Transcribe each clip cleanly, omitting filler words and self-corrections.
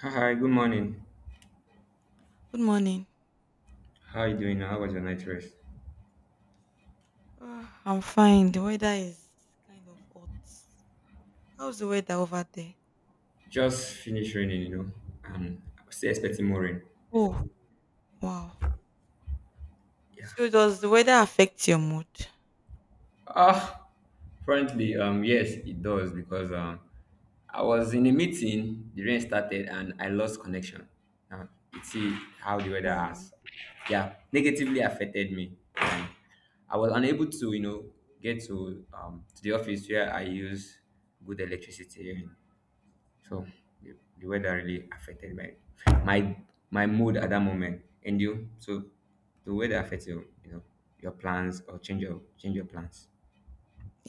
Hi, good morning. Good morning. How are you doing? How was your night rest? I'm fine. The weather is kind of hot. How's the weather over there? Just finished raining, you know. I'm still expecting more rain. Oh, wow. Yeah. So does the weather affect your mood? Ah, frankly, yes, it does because I was in a meeting, the rain started, and I lost connection. Now you see how the weather Oh, has, yeah, negatively affected me. And I was unable to, you know, get to to the office where I use good electricity. And So the, the weather really affected my my mood at that moment. And you, so the weather affects your you know your plans or change your plans.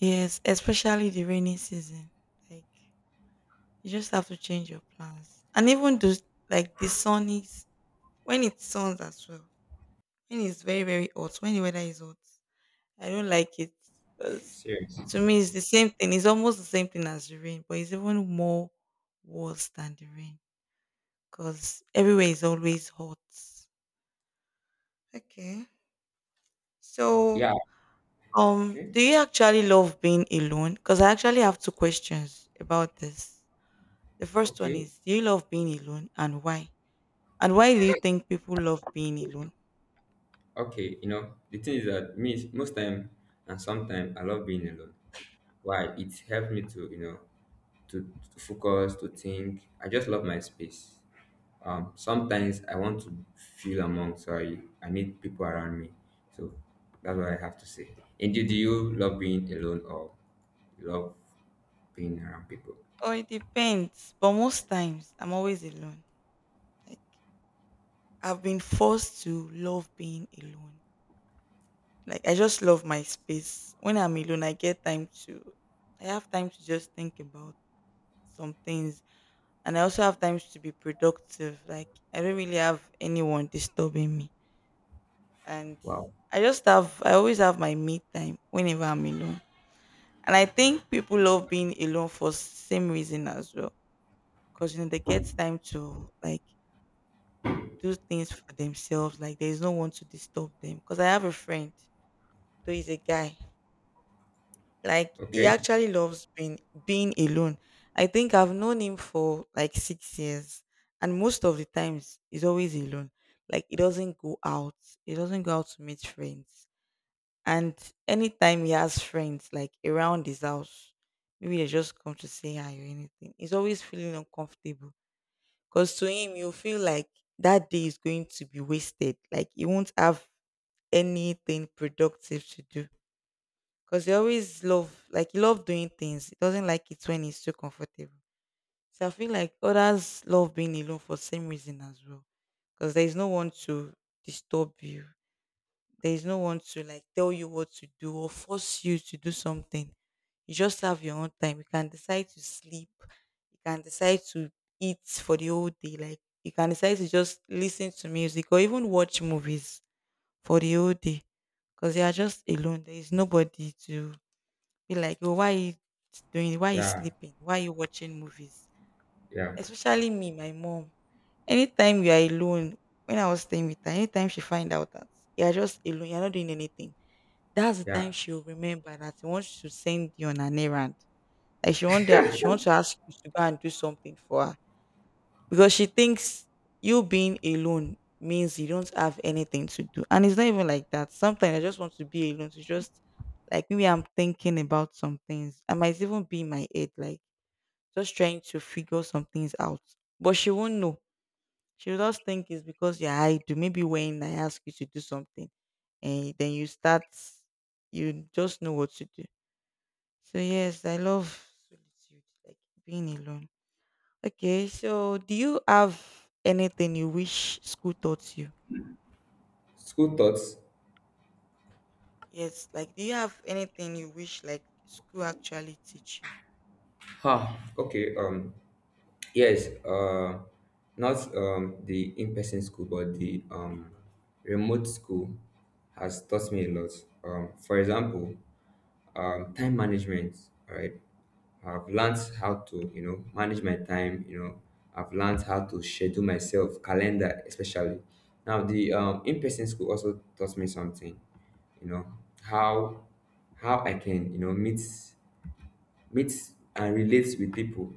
yes, especially the rainy season. Like you just have to change your plans. And even do like the sun is when it suns as well. When it's very very hot. When the weather is hot, I don't like it because Serious. to me it's the same thing. It's almost the same thing as the rain, but it's even more worse than the rain. Because everywhere is always hot. Okay. So, Yeah. Um, Okay. do you actually love being alone? Because I actually have two questions about this. The first one Okay. is, do you love being alone and why? And why do you think people love being alone? Okay. You know the thing is that most time and sometimes I love being alone. Why? It helps me to you know to, to focus to think. I just love my space. Sometimes I want to feel among, so I need people around me. So that's what I have to say. And do you love being alone or you love being around people? Oh, it depends. But most times, I'm always alone. Like I've been forced to love being alone. Like I just love my space. When I'm alone, I have time to just think about some things, and I also have time to be productive. Like I don't really have anyone disturbing me. And Wow. I always have my me time whenever I'm alone. And I think people love being alone for same reason as well. Cause you know they get time to like do things for themselves. Like there is no one to disturb them. Cause I have a friend, though he's a guy. Like he Okay. actually loves being being alone. I think I've known him for like 6 years, and most of the times he's always alone. Like he doesn't go out. He doesn't go out to meet friends. And anytime he has friends, like around his house, maybe they just come to say hi or anything. He's always feeling uncomfortable because to him, you feel like that day is going to be wasted. Like he won't have anything productive to do because he always love like he love doing things. He doesn't like it when he's too comfortable. So I feel like others love being alone for same reason as well, because there is no one to disturb you. There is no one to like tell you what to do or force you to do something. You just have your own time. You can decide to sleep. You can decide to eat for the whole day. Like you can decide to just listen to music or even watch movies for the whole day because you are just alone. There is nobody to be like, "Oh, why you doing? Why you Yeah. sleeping? Why you watching movies?" Yeah. Especially me, my mom. Anytime you are alone, when I was staying with her, anytime she find out that you are just alone, you're not doing anything, that's the time Yeah. she'll remember that she wants to send you on an errand. Like she want that she wants to ask you to go and do something for her because she thinks you being alone means you don't have anything to do. And it's not even like that. Sometimes I just want to be alone to just like maybe I'm thinking about some things. I might even be in my head, like just trying to figure some things out. But she won't know. She'll just think it's because you're idle. Maybe when I ask you to do something and then you start you just know what to do. So yes, I love solitude, like being alone. Okay, so do you have anything you wish school taught you? School thoughts. Yes, like do you have anything you wish like school actually teach you? Huh. Okay. Yes. Not the in-person school, but the remote school has taught me a lot. For example, time management. All right, I've learned how to you know manage my time. You know, I've learned how to schedule myself, calendar especially. Now the in-person school also taught me something. You know how how I can you know meets and relates with people.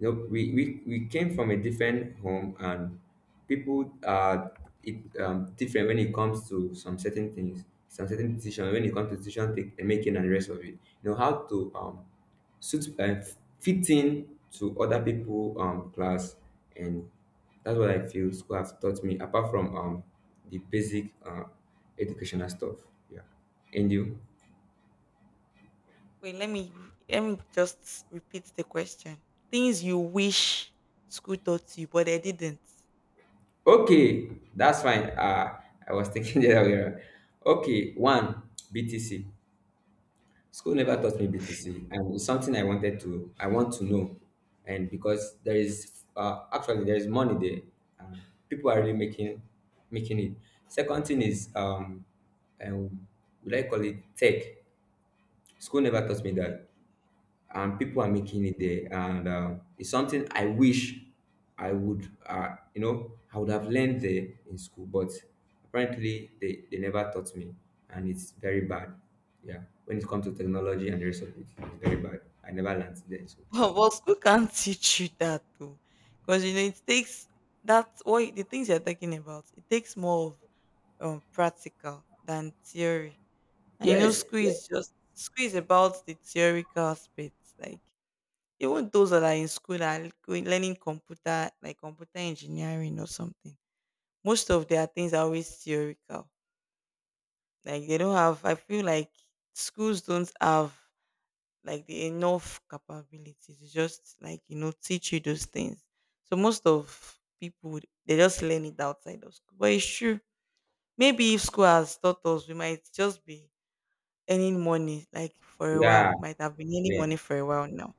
You know, we came from a different home and people are it, different when it comes to some certain things, some certain decision, when it comes to decision take, making and the rest of it. You know, how to suit, fit in to other people class. And that's what I feel school has taught me, apart from the basic educational stuff. Yeah. And you? Wait, let me just repeat the question. Things you wish school taught you, but they didn't. Okay, that's fine. I was thinking the other way around. Okay, one BTC. School never Oh, taught me BTC, and it's something I wanted to. I want to know, and because there is actually there is money there, and people are really making it. Second thing is um, would I call it tech? School never taught me okay. that and people are Okay. making it there and it's something I wish I would you know I would have learned there in school but apparently they never taught me and it's very bad yeah when it comes to technology and the rest of it it's very bad I never learned there in school Well, school can't teach you that though, because you know it takes that what the things you're talking about. It takes more of practical than theory. I know yes school yes. is just school is about the theoretical aspects, like even those that are in school that are going, learning computer, like computer engineering or something. Most of their things are always theoretical. Like they don't have. I feel like schools don't have like the enough capability to just like you know teach you those things. So most of people they just learn it outside of school. But it's true. Maybe if school has taught us, we might just be earning money like for a Yeah. while might have been earning Yeah. money for a while now,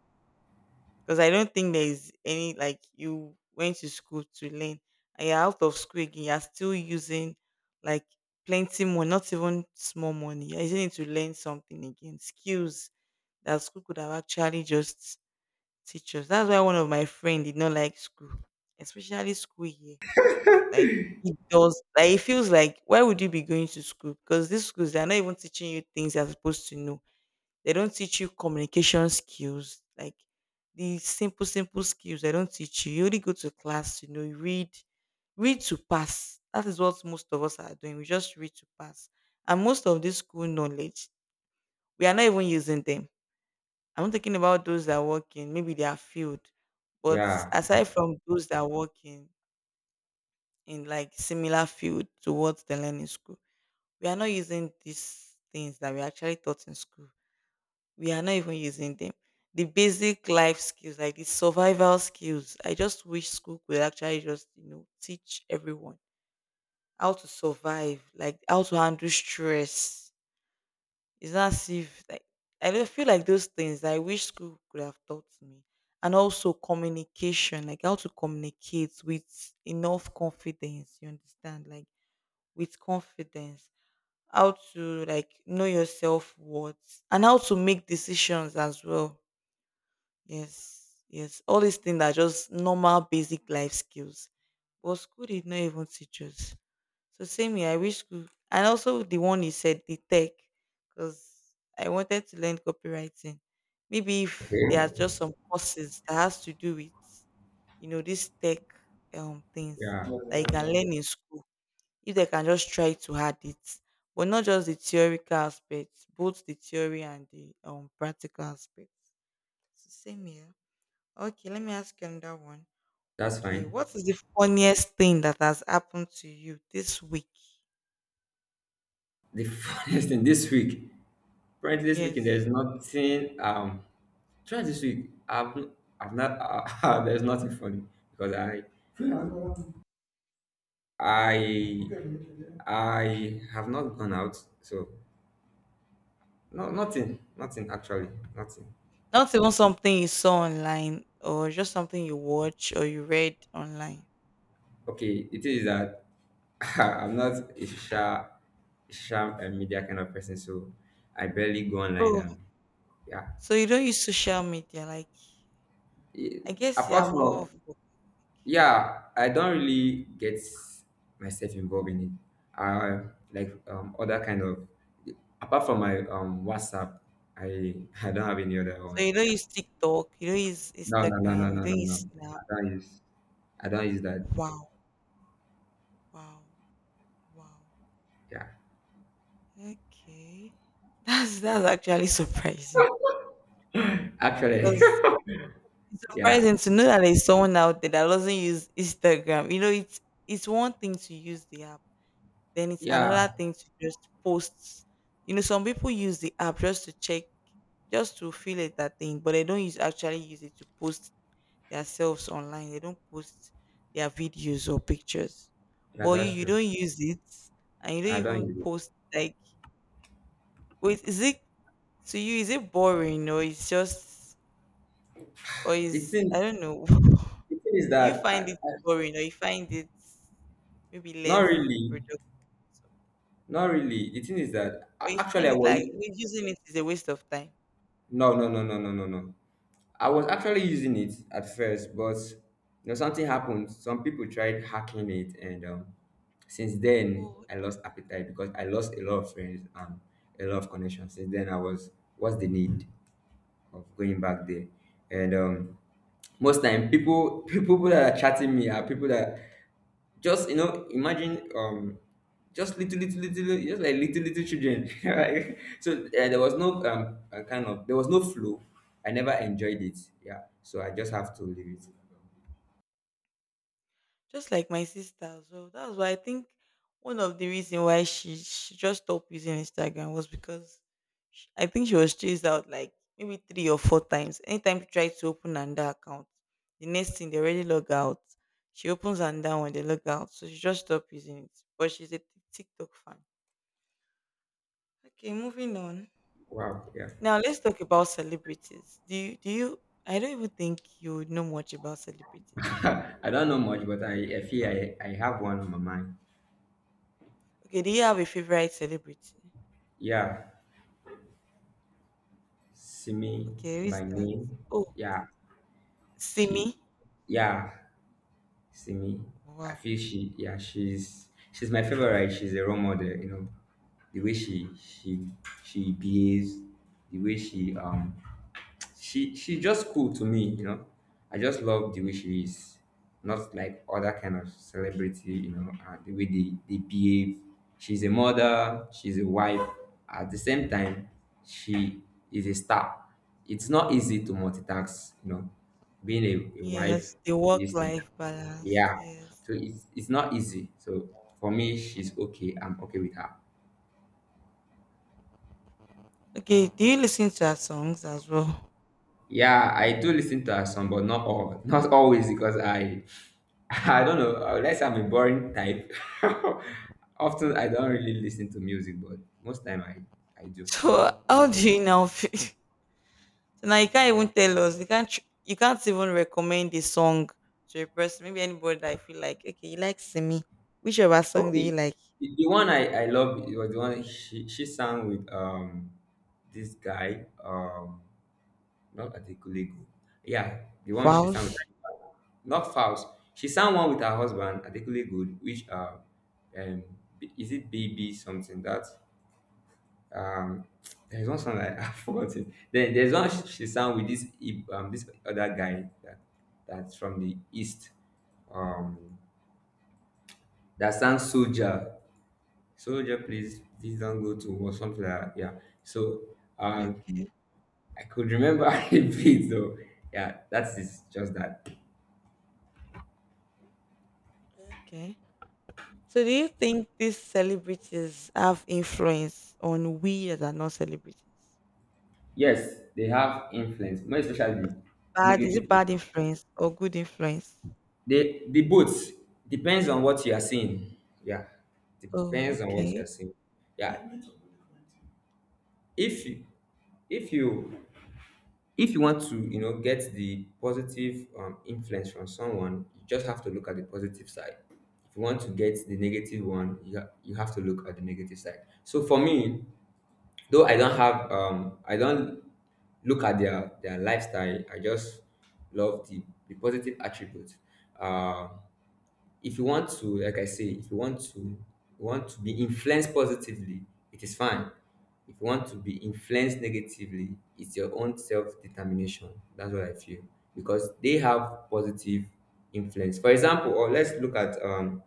because I don't think there is any like you went to school to learn and you're out of school again you're still using like plenty more not even small money you're using it to learn something again, skills that school could have actually just teach us. That's why one of my friend did not like school, especially school here. Like it does like it feels like why would you be going to school, because these schools they're not even teaching you things you're supposed to know. They don't teach you communication skills, like the simple, simple skills they don't teach you. You only go to class, you know, you read, read to pass. That is what most of us are doing. We just read to pass. And most of this school knowledge, we are not even using them. I'm talking about those that work in, maybe they are field. But Yeah. aside from those that work in like similar field to what they learn in school, we are not using these things that we actually taught in school. We are not even using them. The basic life skills, like the survival skills. I just wish school could actually just, you know, teach everyone how to survive, like how to handle stress. It's not as if like I don't feel like those things I wish school could have taught me. And also communication, like how to communicate with enough confidence, you understand? Like with confidence, how to like know your self worth and how to make decisions as well. Yes, yes. All these things are just normal, basic life skills. But school did not even teach us. So same here. I wish school, and also the one he said the tech, because I wanted to learn copywriting. Maybe if there are Okay. just some courses that has to do with, you know, this tech things Yeah. that you can learn in school. If they can just try to add it, but not just the theoretical aspects, both the theory and the practical aspects. So same here. Okay, let me ask you another one. That's Okay, fine. what is the funniest thing that has happened to you this week? The funniest thing this week. Currently speaking, Yes. there's nothing. Try this week. I've not. There's nothing funny because I I have not gone out. So no, nothing actually, nothing. Not even something you saw online or just something you watch or you read online. Okay, it is that I'm not a sharp media kind of person, so I barely go online. Oh, And yeah, so you don't use social media. Like, Eh, I guess you are apart more from of a- yeah I don't really get myself involved in it I like other kind of apart from my whatsapp I I don't have any other So one you don't yeah use TikTok, you don't use no no no no Instagram, you no don't no no use Snap. i don't use I don't use that Wow, wow, wow. yeah Okay. That's actually surprising. actually 'Cause it's yeah surprising to know that there's someone out there that doesn't use Instagram. You know, it's one thing to use the app, then it's yeah another thing to just post. You know, some people use the app just to check, just to feel it that thing, but they don't use actually use it to post themselves online. They don't post their videos or pictures. yeah But you, that's you true don't use it and you don't I don't even use it post like wait, is it to you is it boring or it's just or the is I thing don't know. the thing is Do you that find it boring or you find it maybe not less really productive not really the thing is that or you actually find I it was like using it is a waste of time? no, I was actually using it at first, but you know something happened. Some people tried hacking it, and since then Oh, I lost appetite because I lost a lot of friends and a lot of connections. Since then, I was what's the need of going back there? And most time, people people that are chatting me are people that just you know, imagine just little, just like little, little children. Right? So there was no kind of there was no flow. I never enjoyed it. Yeah. So I just have to leave it. just like my sister as well. That's why I think one of the reason why she just stopped using Instagram was because sh I think she was chased out like maybe three or four times. Anytime she tried to open another account, the next thing they already log out. She opens another one, they log out. So she just stopped using it. But she's a TikTok fan. Okay, moving on. Wow. Yeah. Now let's talk about celebrities. Do you I don't even think you would know much about celebrities. I don't know much, but I feel I have one on my mind. Okay, do you have a favorite celebrity? Yeah. Simi Okay, who is by that? name. Oh, Yeah. Simi. She. Yeah. See me. I Wow. feel she yeah, she's my favorite. She's a role model, you know. The way she behaves, the way she she's just cool to me, you know. I just love the way she is. Not like other kind of celebrity, you know, the way they behave. She's a mother, she's a wife. At the same time, she is a star. It's not easy to multitask, you know, being a wife Yes, the is like work-life balance. yeah. Yes. So it's not easy. So for me, she's okay. I'm okay with her. Okay, do you listen to her songs as well? Yeah, I do listen to her song, but not all, not always because I, I don't know. Unless I'm a boring type, often I don't really listen to music, but most time I do. So how do you now feel? So now you can't even tell us. You can't even recommend a song to a person. Maybe anybody that you feel like. Okay, you like Simi. Which of her song do you Okay, like? the one I love was the one she sang with this guy Not at a colleague. Yeah, the one she sang with Vows. her, not Faust. She sang one with her husband, particularly good, which um, is it BB something that um, there's one song that I forgot it. Then there's one she sang with this this other guy that that's from the east. Um, that sang Soldier. Soldier, please, please don't go to war, something like that. Yeah. So Okay. I could remember a bit though. Yeah, that's it, just that. Okay. So do you think these celebrities have influence on we that are not celebrities? Yes, they have influence, more especially Bad is negative. it bad influence or good influence? They the both depends on what you are seeing. Yeah, Oh, depends on what you are okay. seeing. Yeah, if you if you if you want to you know get the positive influence from someone, you just have to look at the positive side. If you want to get the negative one, you have to look at the negative side. So for me, though I don't have I don't look at their lifestyle. I just love the positive attributes. Uh, if you want to, like I say, if you want to you want to be influenced positively, it is fine. If you want to be influenced negatively, it's your own self determination. That's what I feel because they have positive influence. For example, or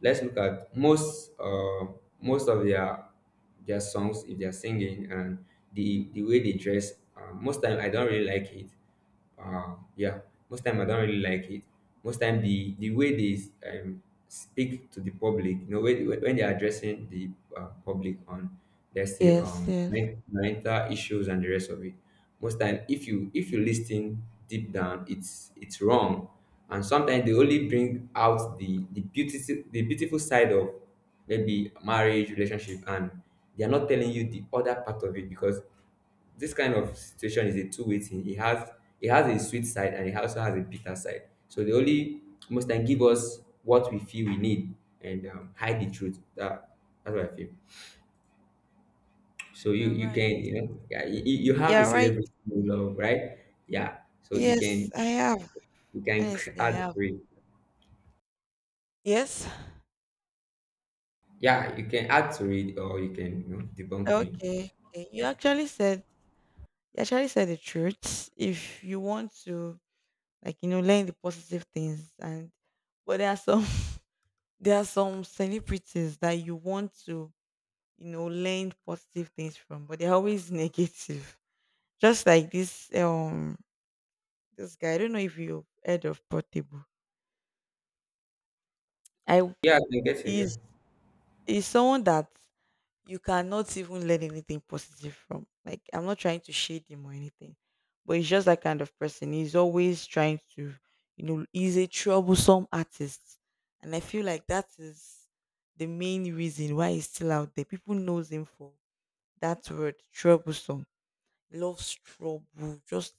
let's look at most most of their songs if they're singing and the way they dress most time I don't really like it yeah most time I don't really like it most time the way they speak to the public you know when they're addressing the public on let's say Yes, yes. Mental issues and the rest of it most time if you listen deep down it's wrong and sometimes they only bring out the beautiful the beautiful side of maybe marriage relationship and they are not telling you the other part of it because this kind of situation is a two-way thing. It has a sweet side and it also has a bitter side. So they only most time give us what we feel we need and hide the truth. That's what I feel. So you You're you right. can you know yeah you you have a You're right. celebrity you love right yeah so Yes, I have. you can Honestly, I add have. to it Yes. yeah you can add to it or you can you know debunk me Okay. Okay. Yeah You actually said the truth. If you want to, like, you know, learn the positive things, and but there are some there are some celebrities that you want to, learn positive things from, but they're always negative. Just like this this guy, I don't know if you've heard of Portable. I yeah I can get you yeah is is someone that you cannot even learn anything positive from. Like, I'm not trying to shade him or anything, but he's just that kind of person. He's always trying to, you know, he's a troublesome artist, and I feel like that is the main reason why he's still out there. People knows him for that word troublesome, loves trouble, just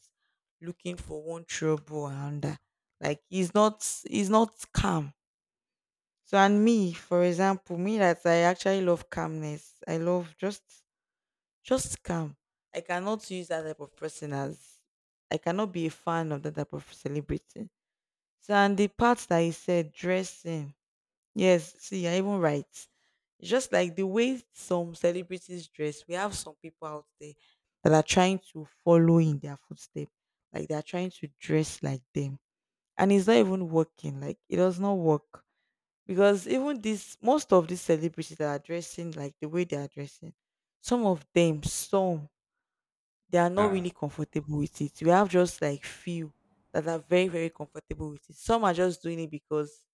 looking for one trouble and another. Like, he's not calm. So and me, for example, me that I actually love calmness. I love just calm. I cannot use that type of person as I cannot be a fan of that type of celebrity. So and the part that he said, dressing. Yes, see, I even write. It's just like the way some celebrities dress, we have some people out there that are trying to follow in their footsteps. Like, they are trying to dress like them. And it's not even working. Like, it does not work because even this most of these celebrities that are dressing like the way they are dressing, some of them some they are not yeah really comfortable with it. We have just like few that are very, very comfortable with it. Some are just doing it because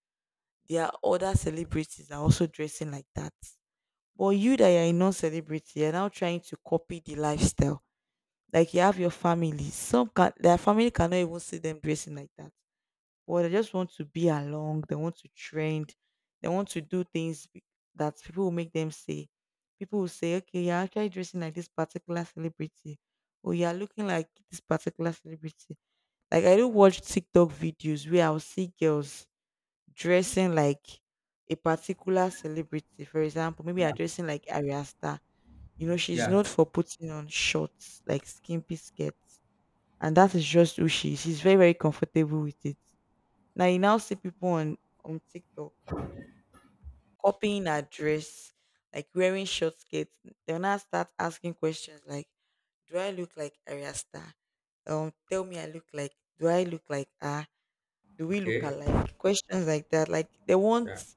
there are other celebrities that are also dressing like that, but you that are a non-celebrity, you're now trying to copy the lifestyle. Like, you have your family, some can their family cannot even see them dressing like that, or they just want to be along, they want to trend, they want to do things that people will make them say. People will say, okay, you're actually dressing like this particular celebrity, or you're looking like this particular celebrity. Like, I do watch TikTok videos where I'll see girls dressing like a particular celebrity. For example, maybe you're yeah dressing like Ariasta. You know, she's yeah. known for putting on shorts, like skimpy skirts. And that is just who she is. She's very, very comfortable with it. Now you now see people on TikTok copying her dress, like wearing short skirts. They'll now start asking questions like, "Do I look like Arya Star? Tell me, I look like. Do I look like her? Do we look Okay alike?" Questions like that. Like, they yeah want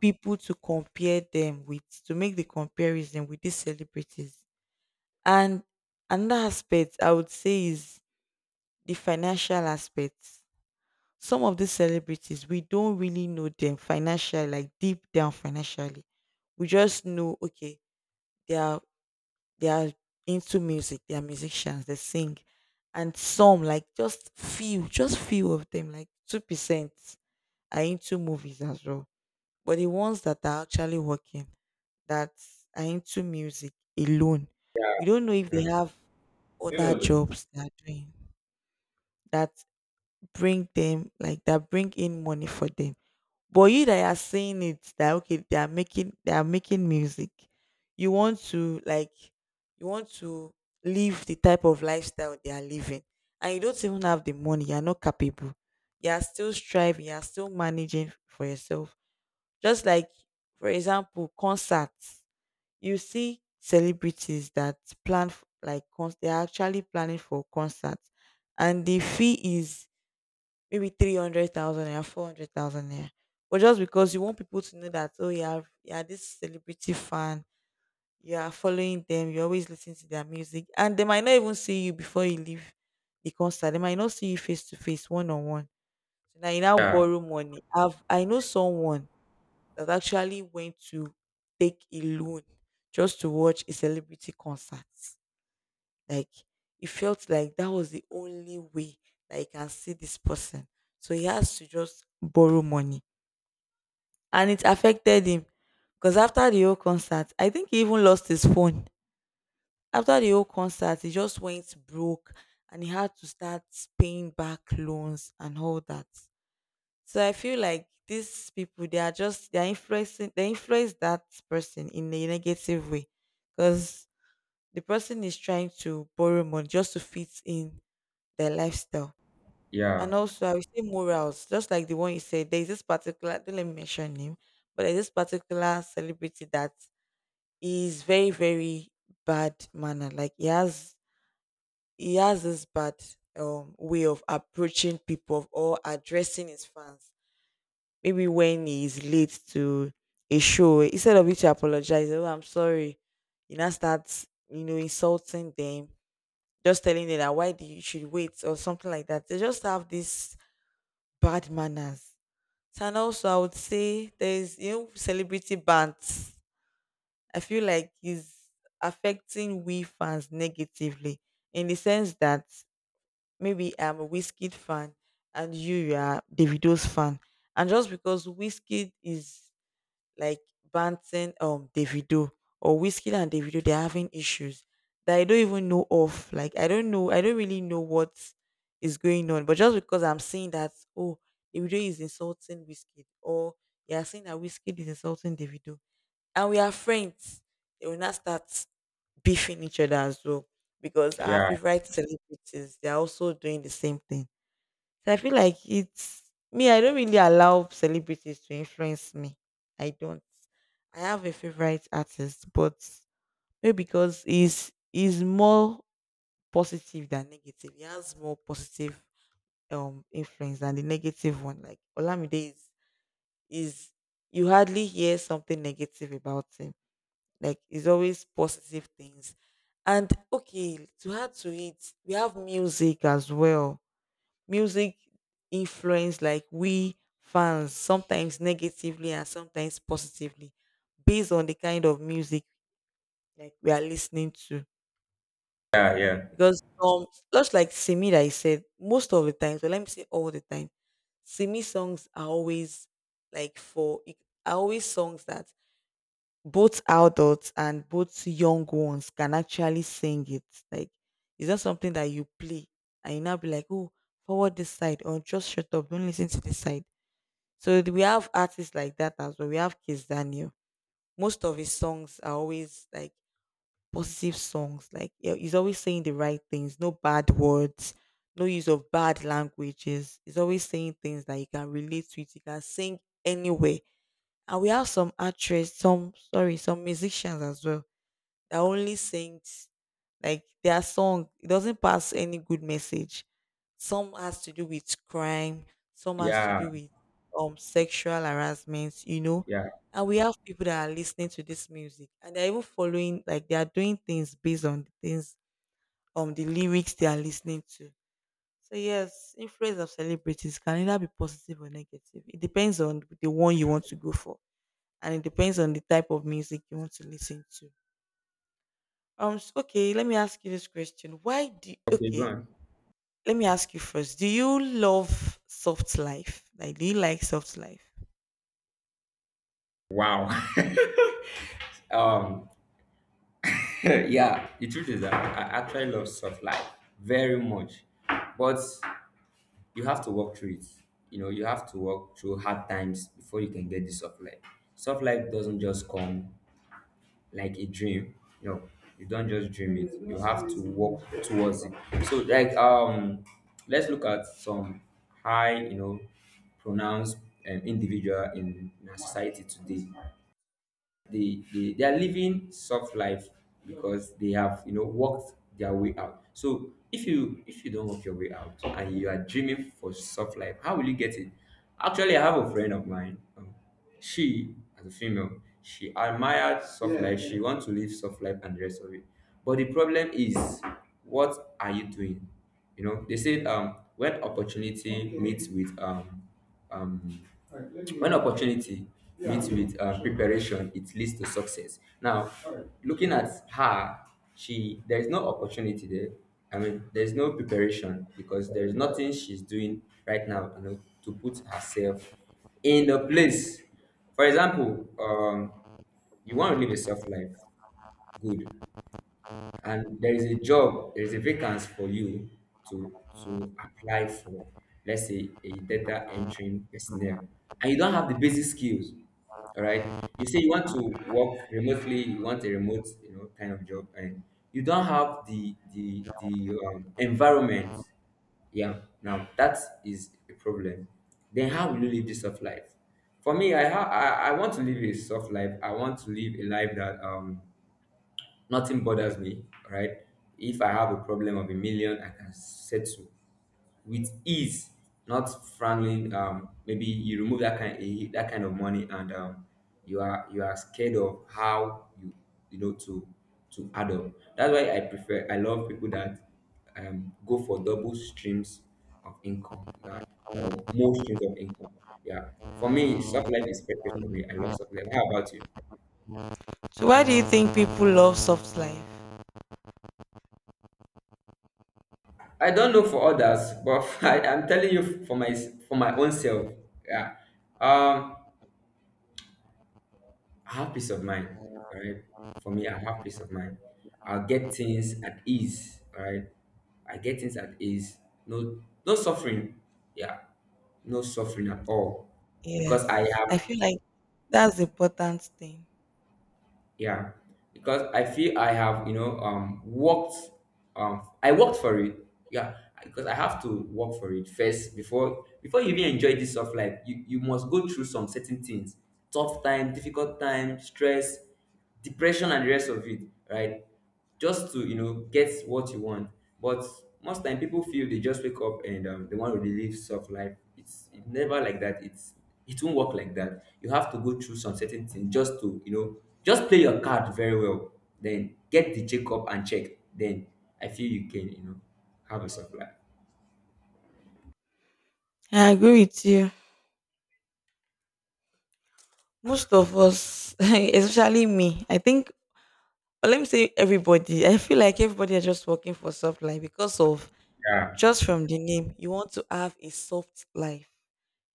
people to compare them with, to make the comparison with these celebrities. And another aspect I would say is the financial aspect. Some of these celebrities, we don't really know them financially. Like, deep down financially, we just know, okay, they are they are into music. They are musicians, they sing. And some, like just few, just few of them, like 2%, are into movies as well. But the ones that are actually working, that are into music alone, we don't know if they yeah. have You other know, jobs they are doing that bring them like, that bring in money for them. But you that are saying it that, okay, they are making, they are making music, you want to, like, you want to live the type of lifestyle they are living. And you don't even have the money, you're not capable. You are still striving, you are still managing for yourself. Just like, for example, concerts. You see celebrities that like they are actually planning for concerts, and the fee is maybe 300,000 naira, 400,000 naira. But just because you want people to know that, oh, you have, you are this celebrity fan, you are following them, you always listen to their music, and they might not even see you before you leave the concert. They might not see you face to face, one on one. So now you now yeah borrow money. I know someone that actually went to take a loan just to watch a celebrity concert. Like, he felt like that was the only way that he can see this person. So he has to just borrow money. And it affected him. Because after the whole concert, I think he even lost his phone. After the whole concert, he just went broke and he had to start paying back loans and all that. So I feel like these people, they are just, they're influencing, they influence that person in a negative way. Because the person is trying to borrow money just to fit in their lifestyle. yeah And also, I will say morals, just like the one you said. There is this particular, don't let me mention him, but there's this particular celebrity that is very, very bad manner. Like, he has this bad way of approaching people or addressing his fans. Maybe when he is late to a show, instead of you to apologize, oh, I'm sorry, you now start, you know, insulting them, just telling them that why do you should wait or something like that. They just have this bad manners. So and also I would say there's, you know, celebrity bans. I feel like is affecting we fans negatively, in the sense that maybe I'm a Wizkid fan and you are Davido's fan. And just because Wizkid is like Banton, Davido, or Whiskey and Davido, they're having issues that I don't even know of. Like, I don't know, I don't really know what is going on. But just because I'm seeing that, oh, Davido is insulting Whiskey, or you're saying that Whiskey is insulting Davido, and we are friends, they will not start beefing each other as well, because our yeah. favorite celebrities, they're also doing the same thing. So I feel like it's me, I don't really allow celebrities to influence me. I don't. I have a favorite artist, but maybe because he's more positive than negative. He has more positive influence than the negative one. Like, Olamide is you hardly hear something negative about him. Like, it's always positive things. And okay, to add to it, we have music as well. Music influence like we fans sometimes negatively and sometimes positively, based on the kind of music like we are listening to, Yeah, yeah. because just like Simi, that I said most of the times, but let me say all the time, Simi songs are always like are always songs that both adults and both young ones can actually sing it. Like, it's not something that you play and you now be like, oh, forward this side, or just shut up, don't listen to this side. So we have artists like that as well. We have Kiss Daniel. Most of his songs are always like positive songs. Like, yeah, he's always saying the right things, no bad words, no use of bad languages. He's always saying things that you can relate to it. You can sing anywhere. And we have some actress, some, sorry, some musicians as well that only sings like their song. It doesn't pass any good message. Some has to do with crime, some has to Yeah, do with sexual harassment, you know. yeah. And we have people that are listening to this music and they're even following, like, they are doing things based on the things the lyrics they are listening to. So yes, influence of celebrities can either be positive or negative. It depends on the one you want to go for. And it depends on the type of music you want to listen to. Okay, let me ask you this question. Why do Okay, go okay, on. let me ask you first. Do you love soft life? Like, do you like soft life? Wow. Um, yeah, the truth is that I actually love soft life very much. But you have to work through it. You know, you have to work through hard times before you can get the soft life. Soft life doesn't just come like a dream. You know, you don't just dream it. You have to work towards it. So like let's look at some high, you know, pronounced individual in our society today. they they are living soft life because they have you know worked their way out so if you don't work your way out and you are dreaming for soft life how will you get it actually I have a friend of mine she as a female she admired soft Yeah. life she wants to live soft life and the rest of it but the problem is what are you doing you know they said when opportunity Okay. meets with um Alright, let me when opportunity yeah. meets with preparation it leads to success now Alright. looking at her she there is no opportunity there I mean there's no preparation because there's nothing she's doing right now you know to put herself in the place for example you want to live a self life good and there is a job there is a vacancy for you to to apply for let's say a data entering personnel and you don't have the basic skills all right you say you want to work remotely you want a remote you know kind of job and you don't have the environment yeah now that is a problem then how will you live this soft life for me I want to live a soft life I want to live a life that nothing bothers me, right? If I have a problem of a million, I can settle with ease, not frowning. Maybe you remove that kind of money, and you are scared of how you know to add up. That's why I prefer. I love people that go for double streams of income yeah, or more streams of income. Yeah, for me, soft life is perfect for me. I love soft life. How about you? So, why do you think people love soft life? I don't know for others, but I'm telling you for my own self. Yeah. Um, I have peace of mind. All right. For me, I have peace of mind. I'll get things at ease. All right. I get things at ease. No, no suffering. Yeah. No suffering at all, because I Yes, I have feel like that's the important thing. yeah because I feel I have you know worked I worked for it yeah because I have to work for it first before you even enjoy this of life you must go through some certain things tough time difficult time stress depression and the rest of it right just to you know get what you want. But most time people feel they just wake up and they want to relive soft life. It's it never like that. It's it won't work like that. You have to go through some certain things just to you know just play your card very well. Then get the check up and check. Then I feel you can you know have a soft life. I agree with you. Most of us, especially me, I think, or let me say everybody, I feel like everybody are just working for soft life because of Yeah, just from the name, you want to have a soft life.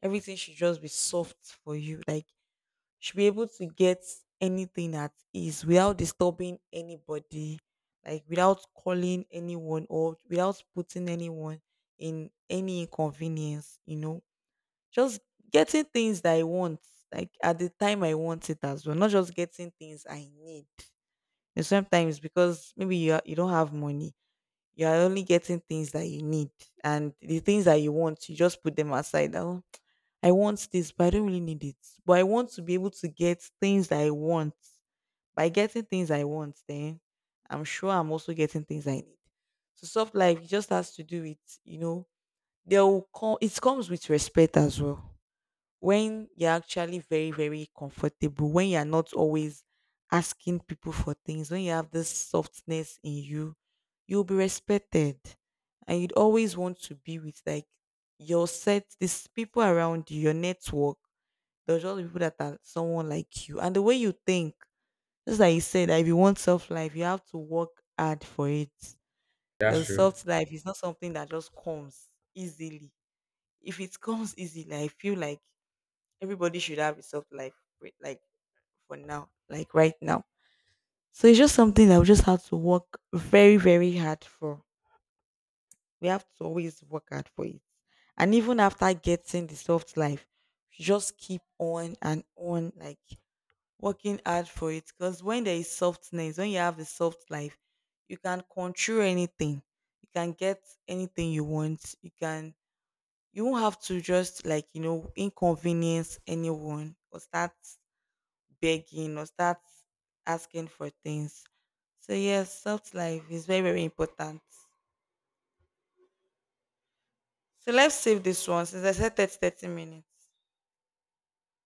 Everything should just be soft for you. Like, should be able to get anything at ease without disturbing anybody, like without calling anyone or without putting anyone in any inconvenience, you know. Just getting things that I want, like at the time I want it as well, not just getting things I need. And sometimes because maybe you are, you don't have money, you are only getting things that you need, and the things that you want, you just put them aside. Oh, I want this, but I don't really need it. But I want to be able to get things that I want. By getting things I want, then I'm sure I'm also getting things I need. So soft life just has to do with, you know, there will come it comes with respect as well. When you're actually very, very comfortable, when you're not always asking people for things, when you have this softness in you, you'll be respected. And you'd always want to be with like your set, these people around you, your network, there's just people that are someone like you. And the way you think, just like you said, that if you want soft life, you have to work hard for it. that's Because true. soft life is not something that just comes easily. If it comes easily, I feel like everybody should have a self life, like for now, like right now. So it's just something that we just have to work very, very hard for. We have to always work hard for it. And even after getting the soft life, just keep on and on, like working hard for it. Because when there is softness, when you have a soft life, you can control anything. You can get anything you want. You can you won't have to just, like, you know, inconvenience anyone, or start begging or start asking for things. So yes, soft life is very, very important. So let's save this one, since I said 30 minutes.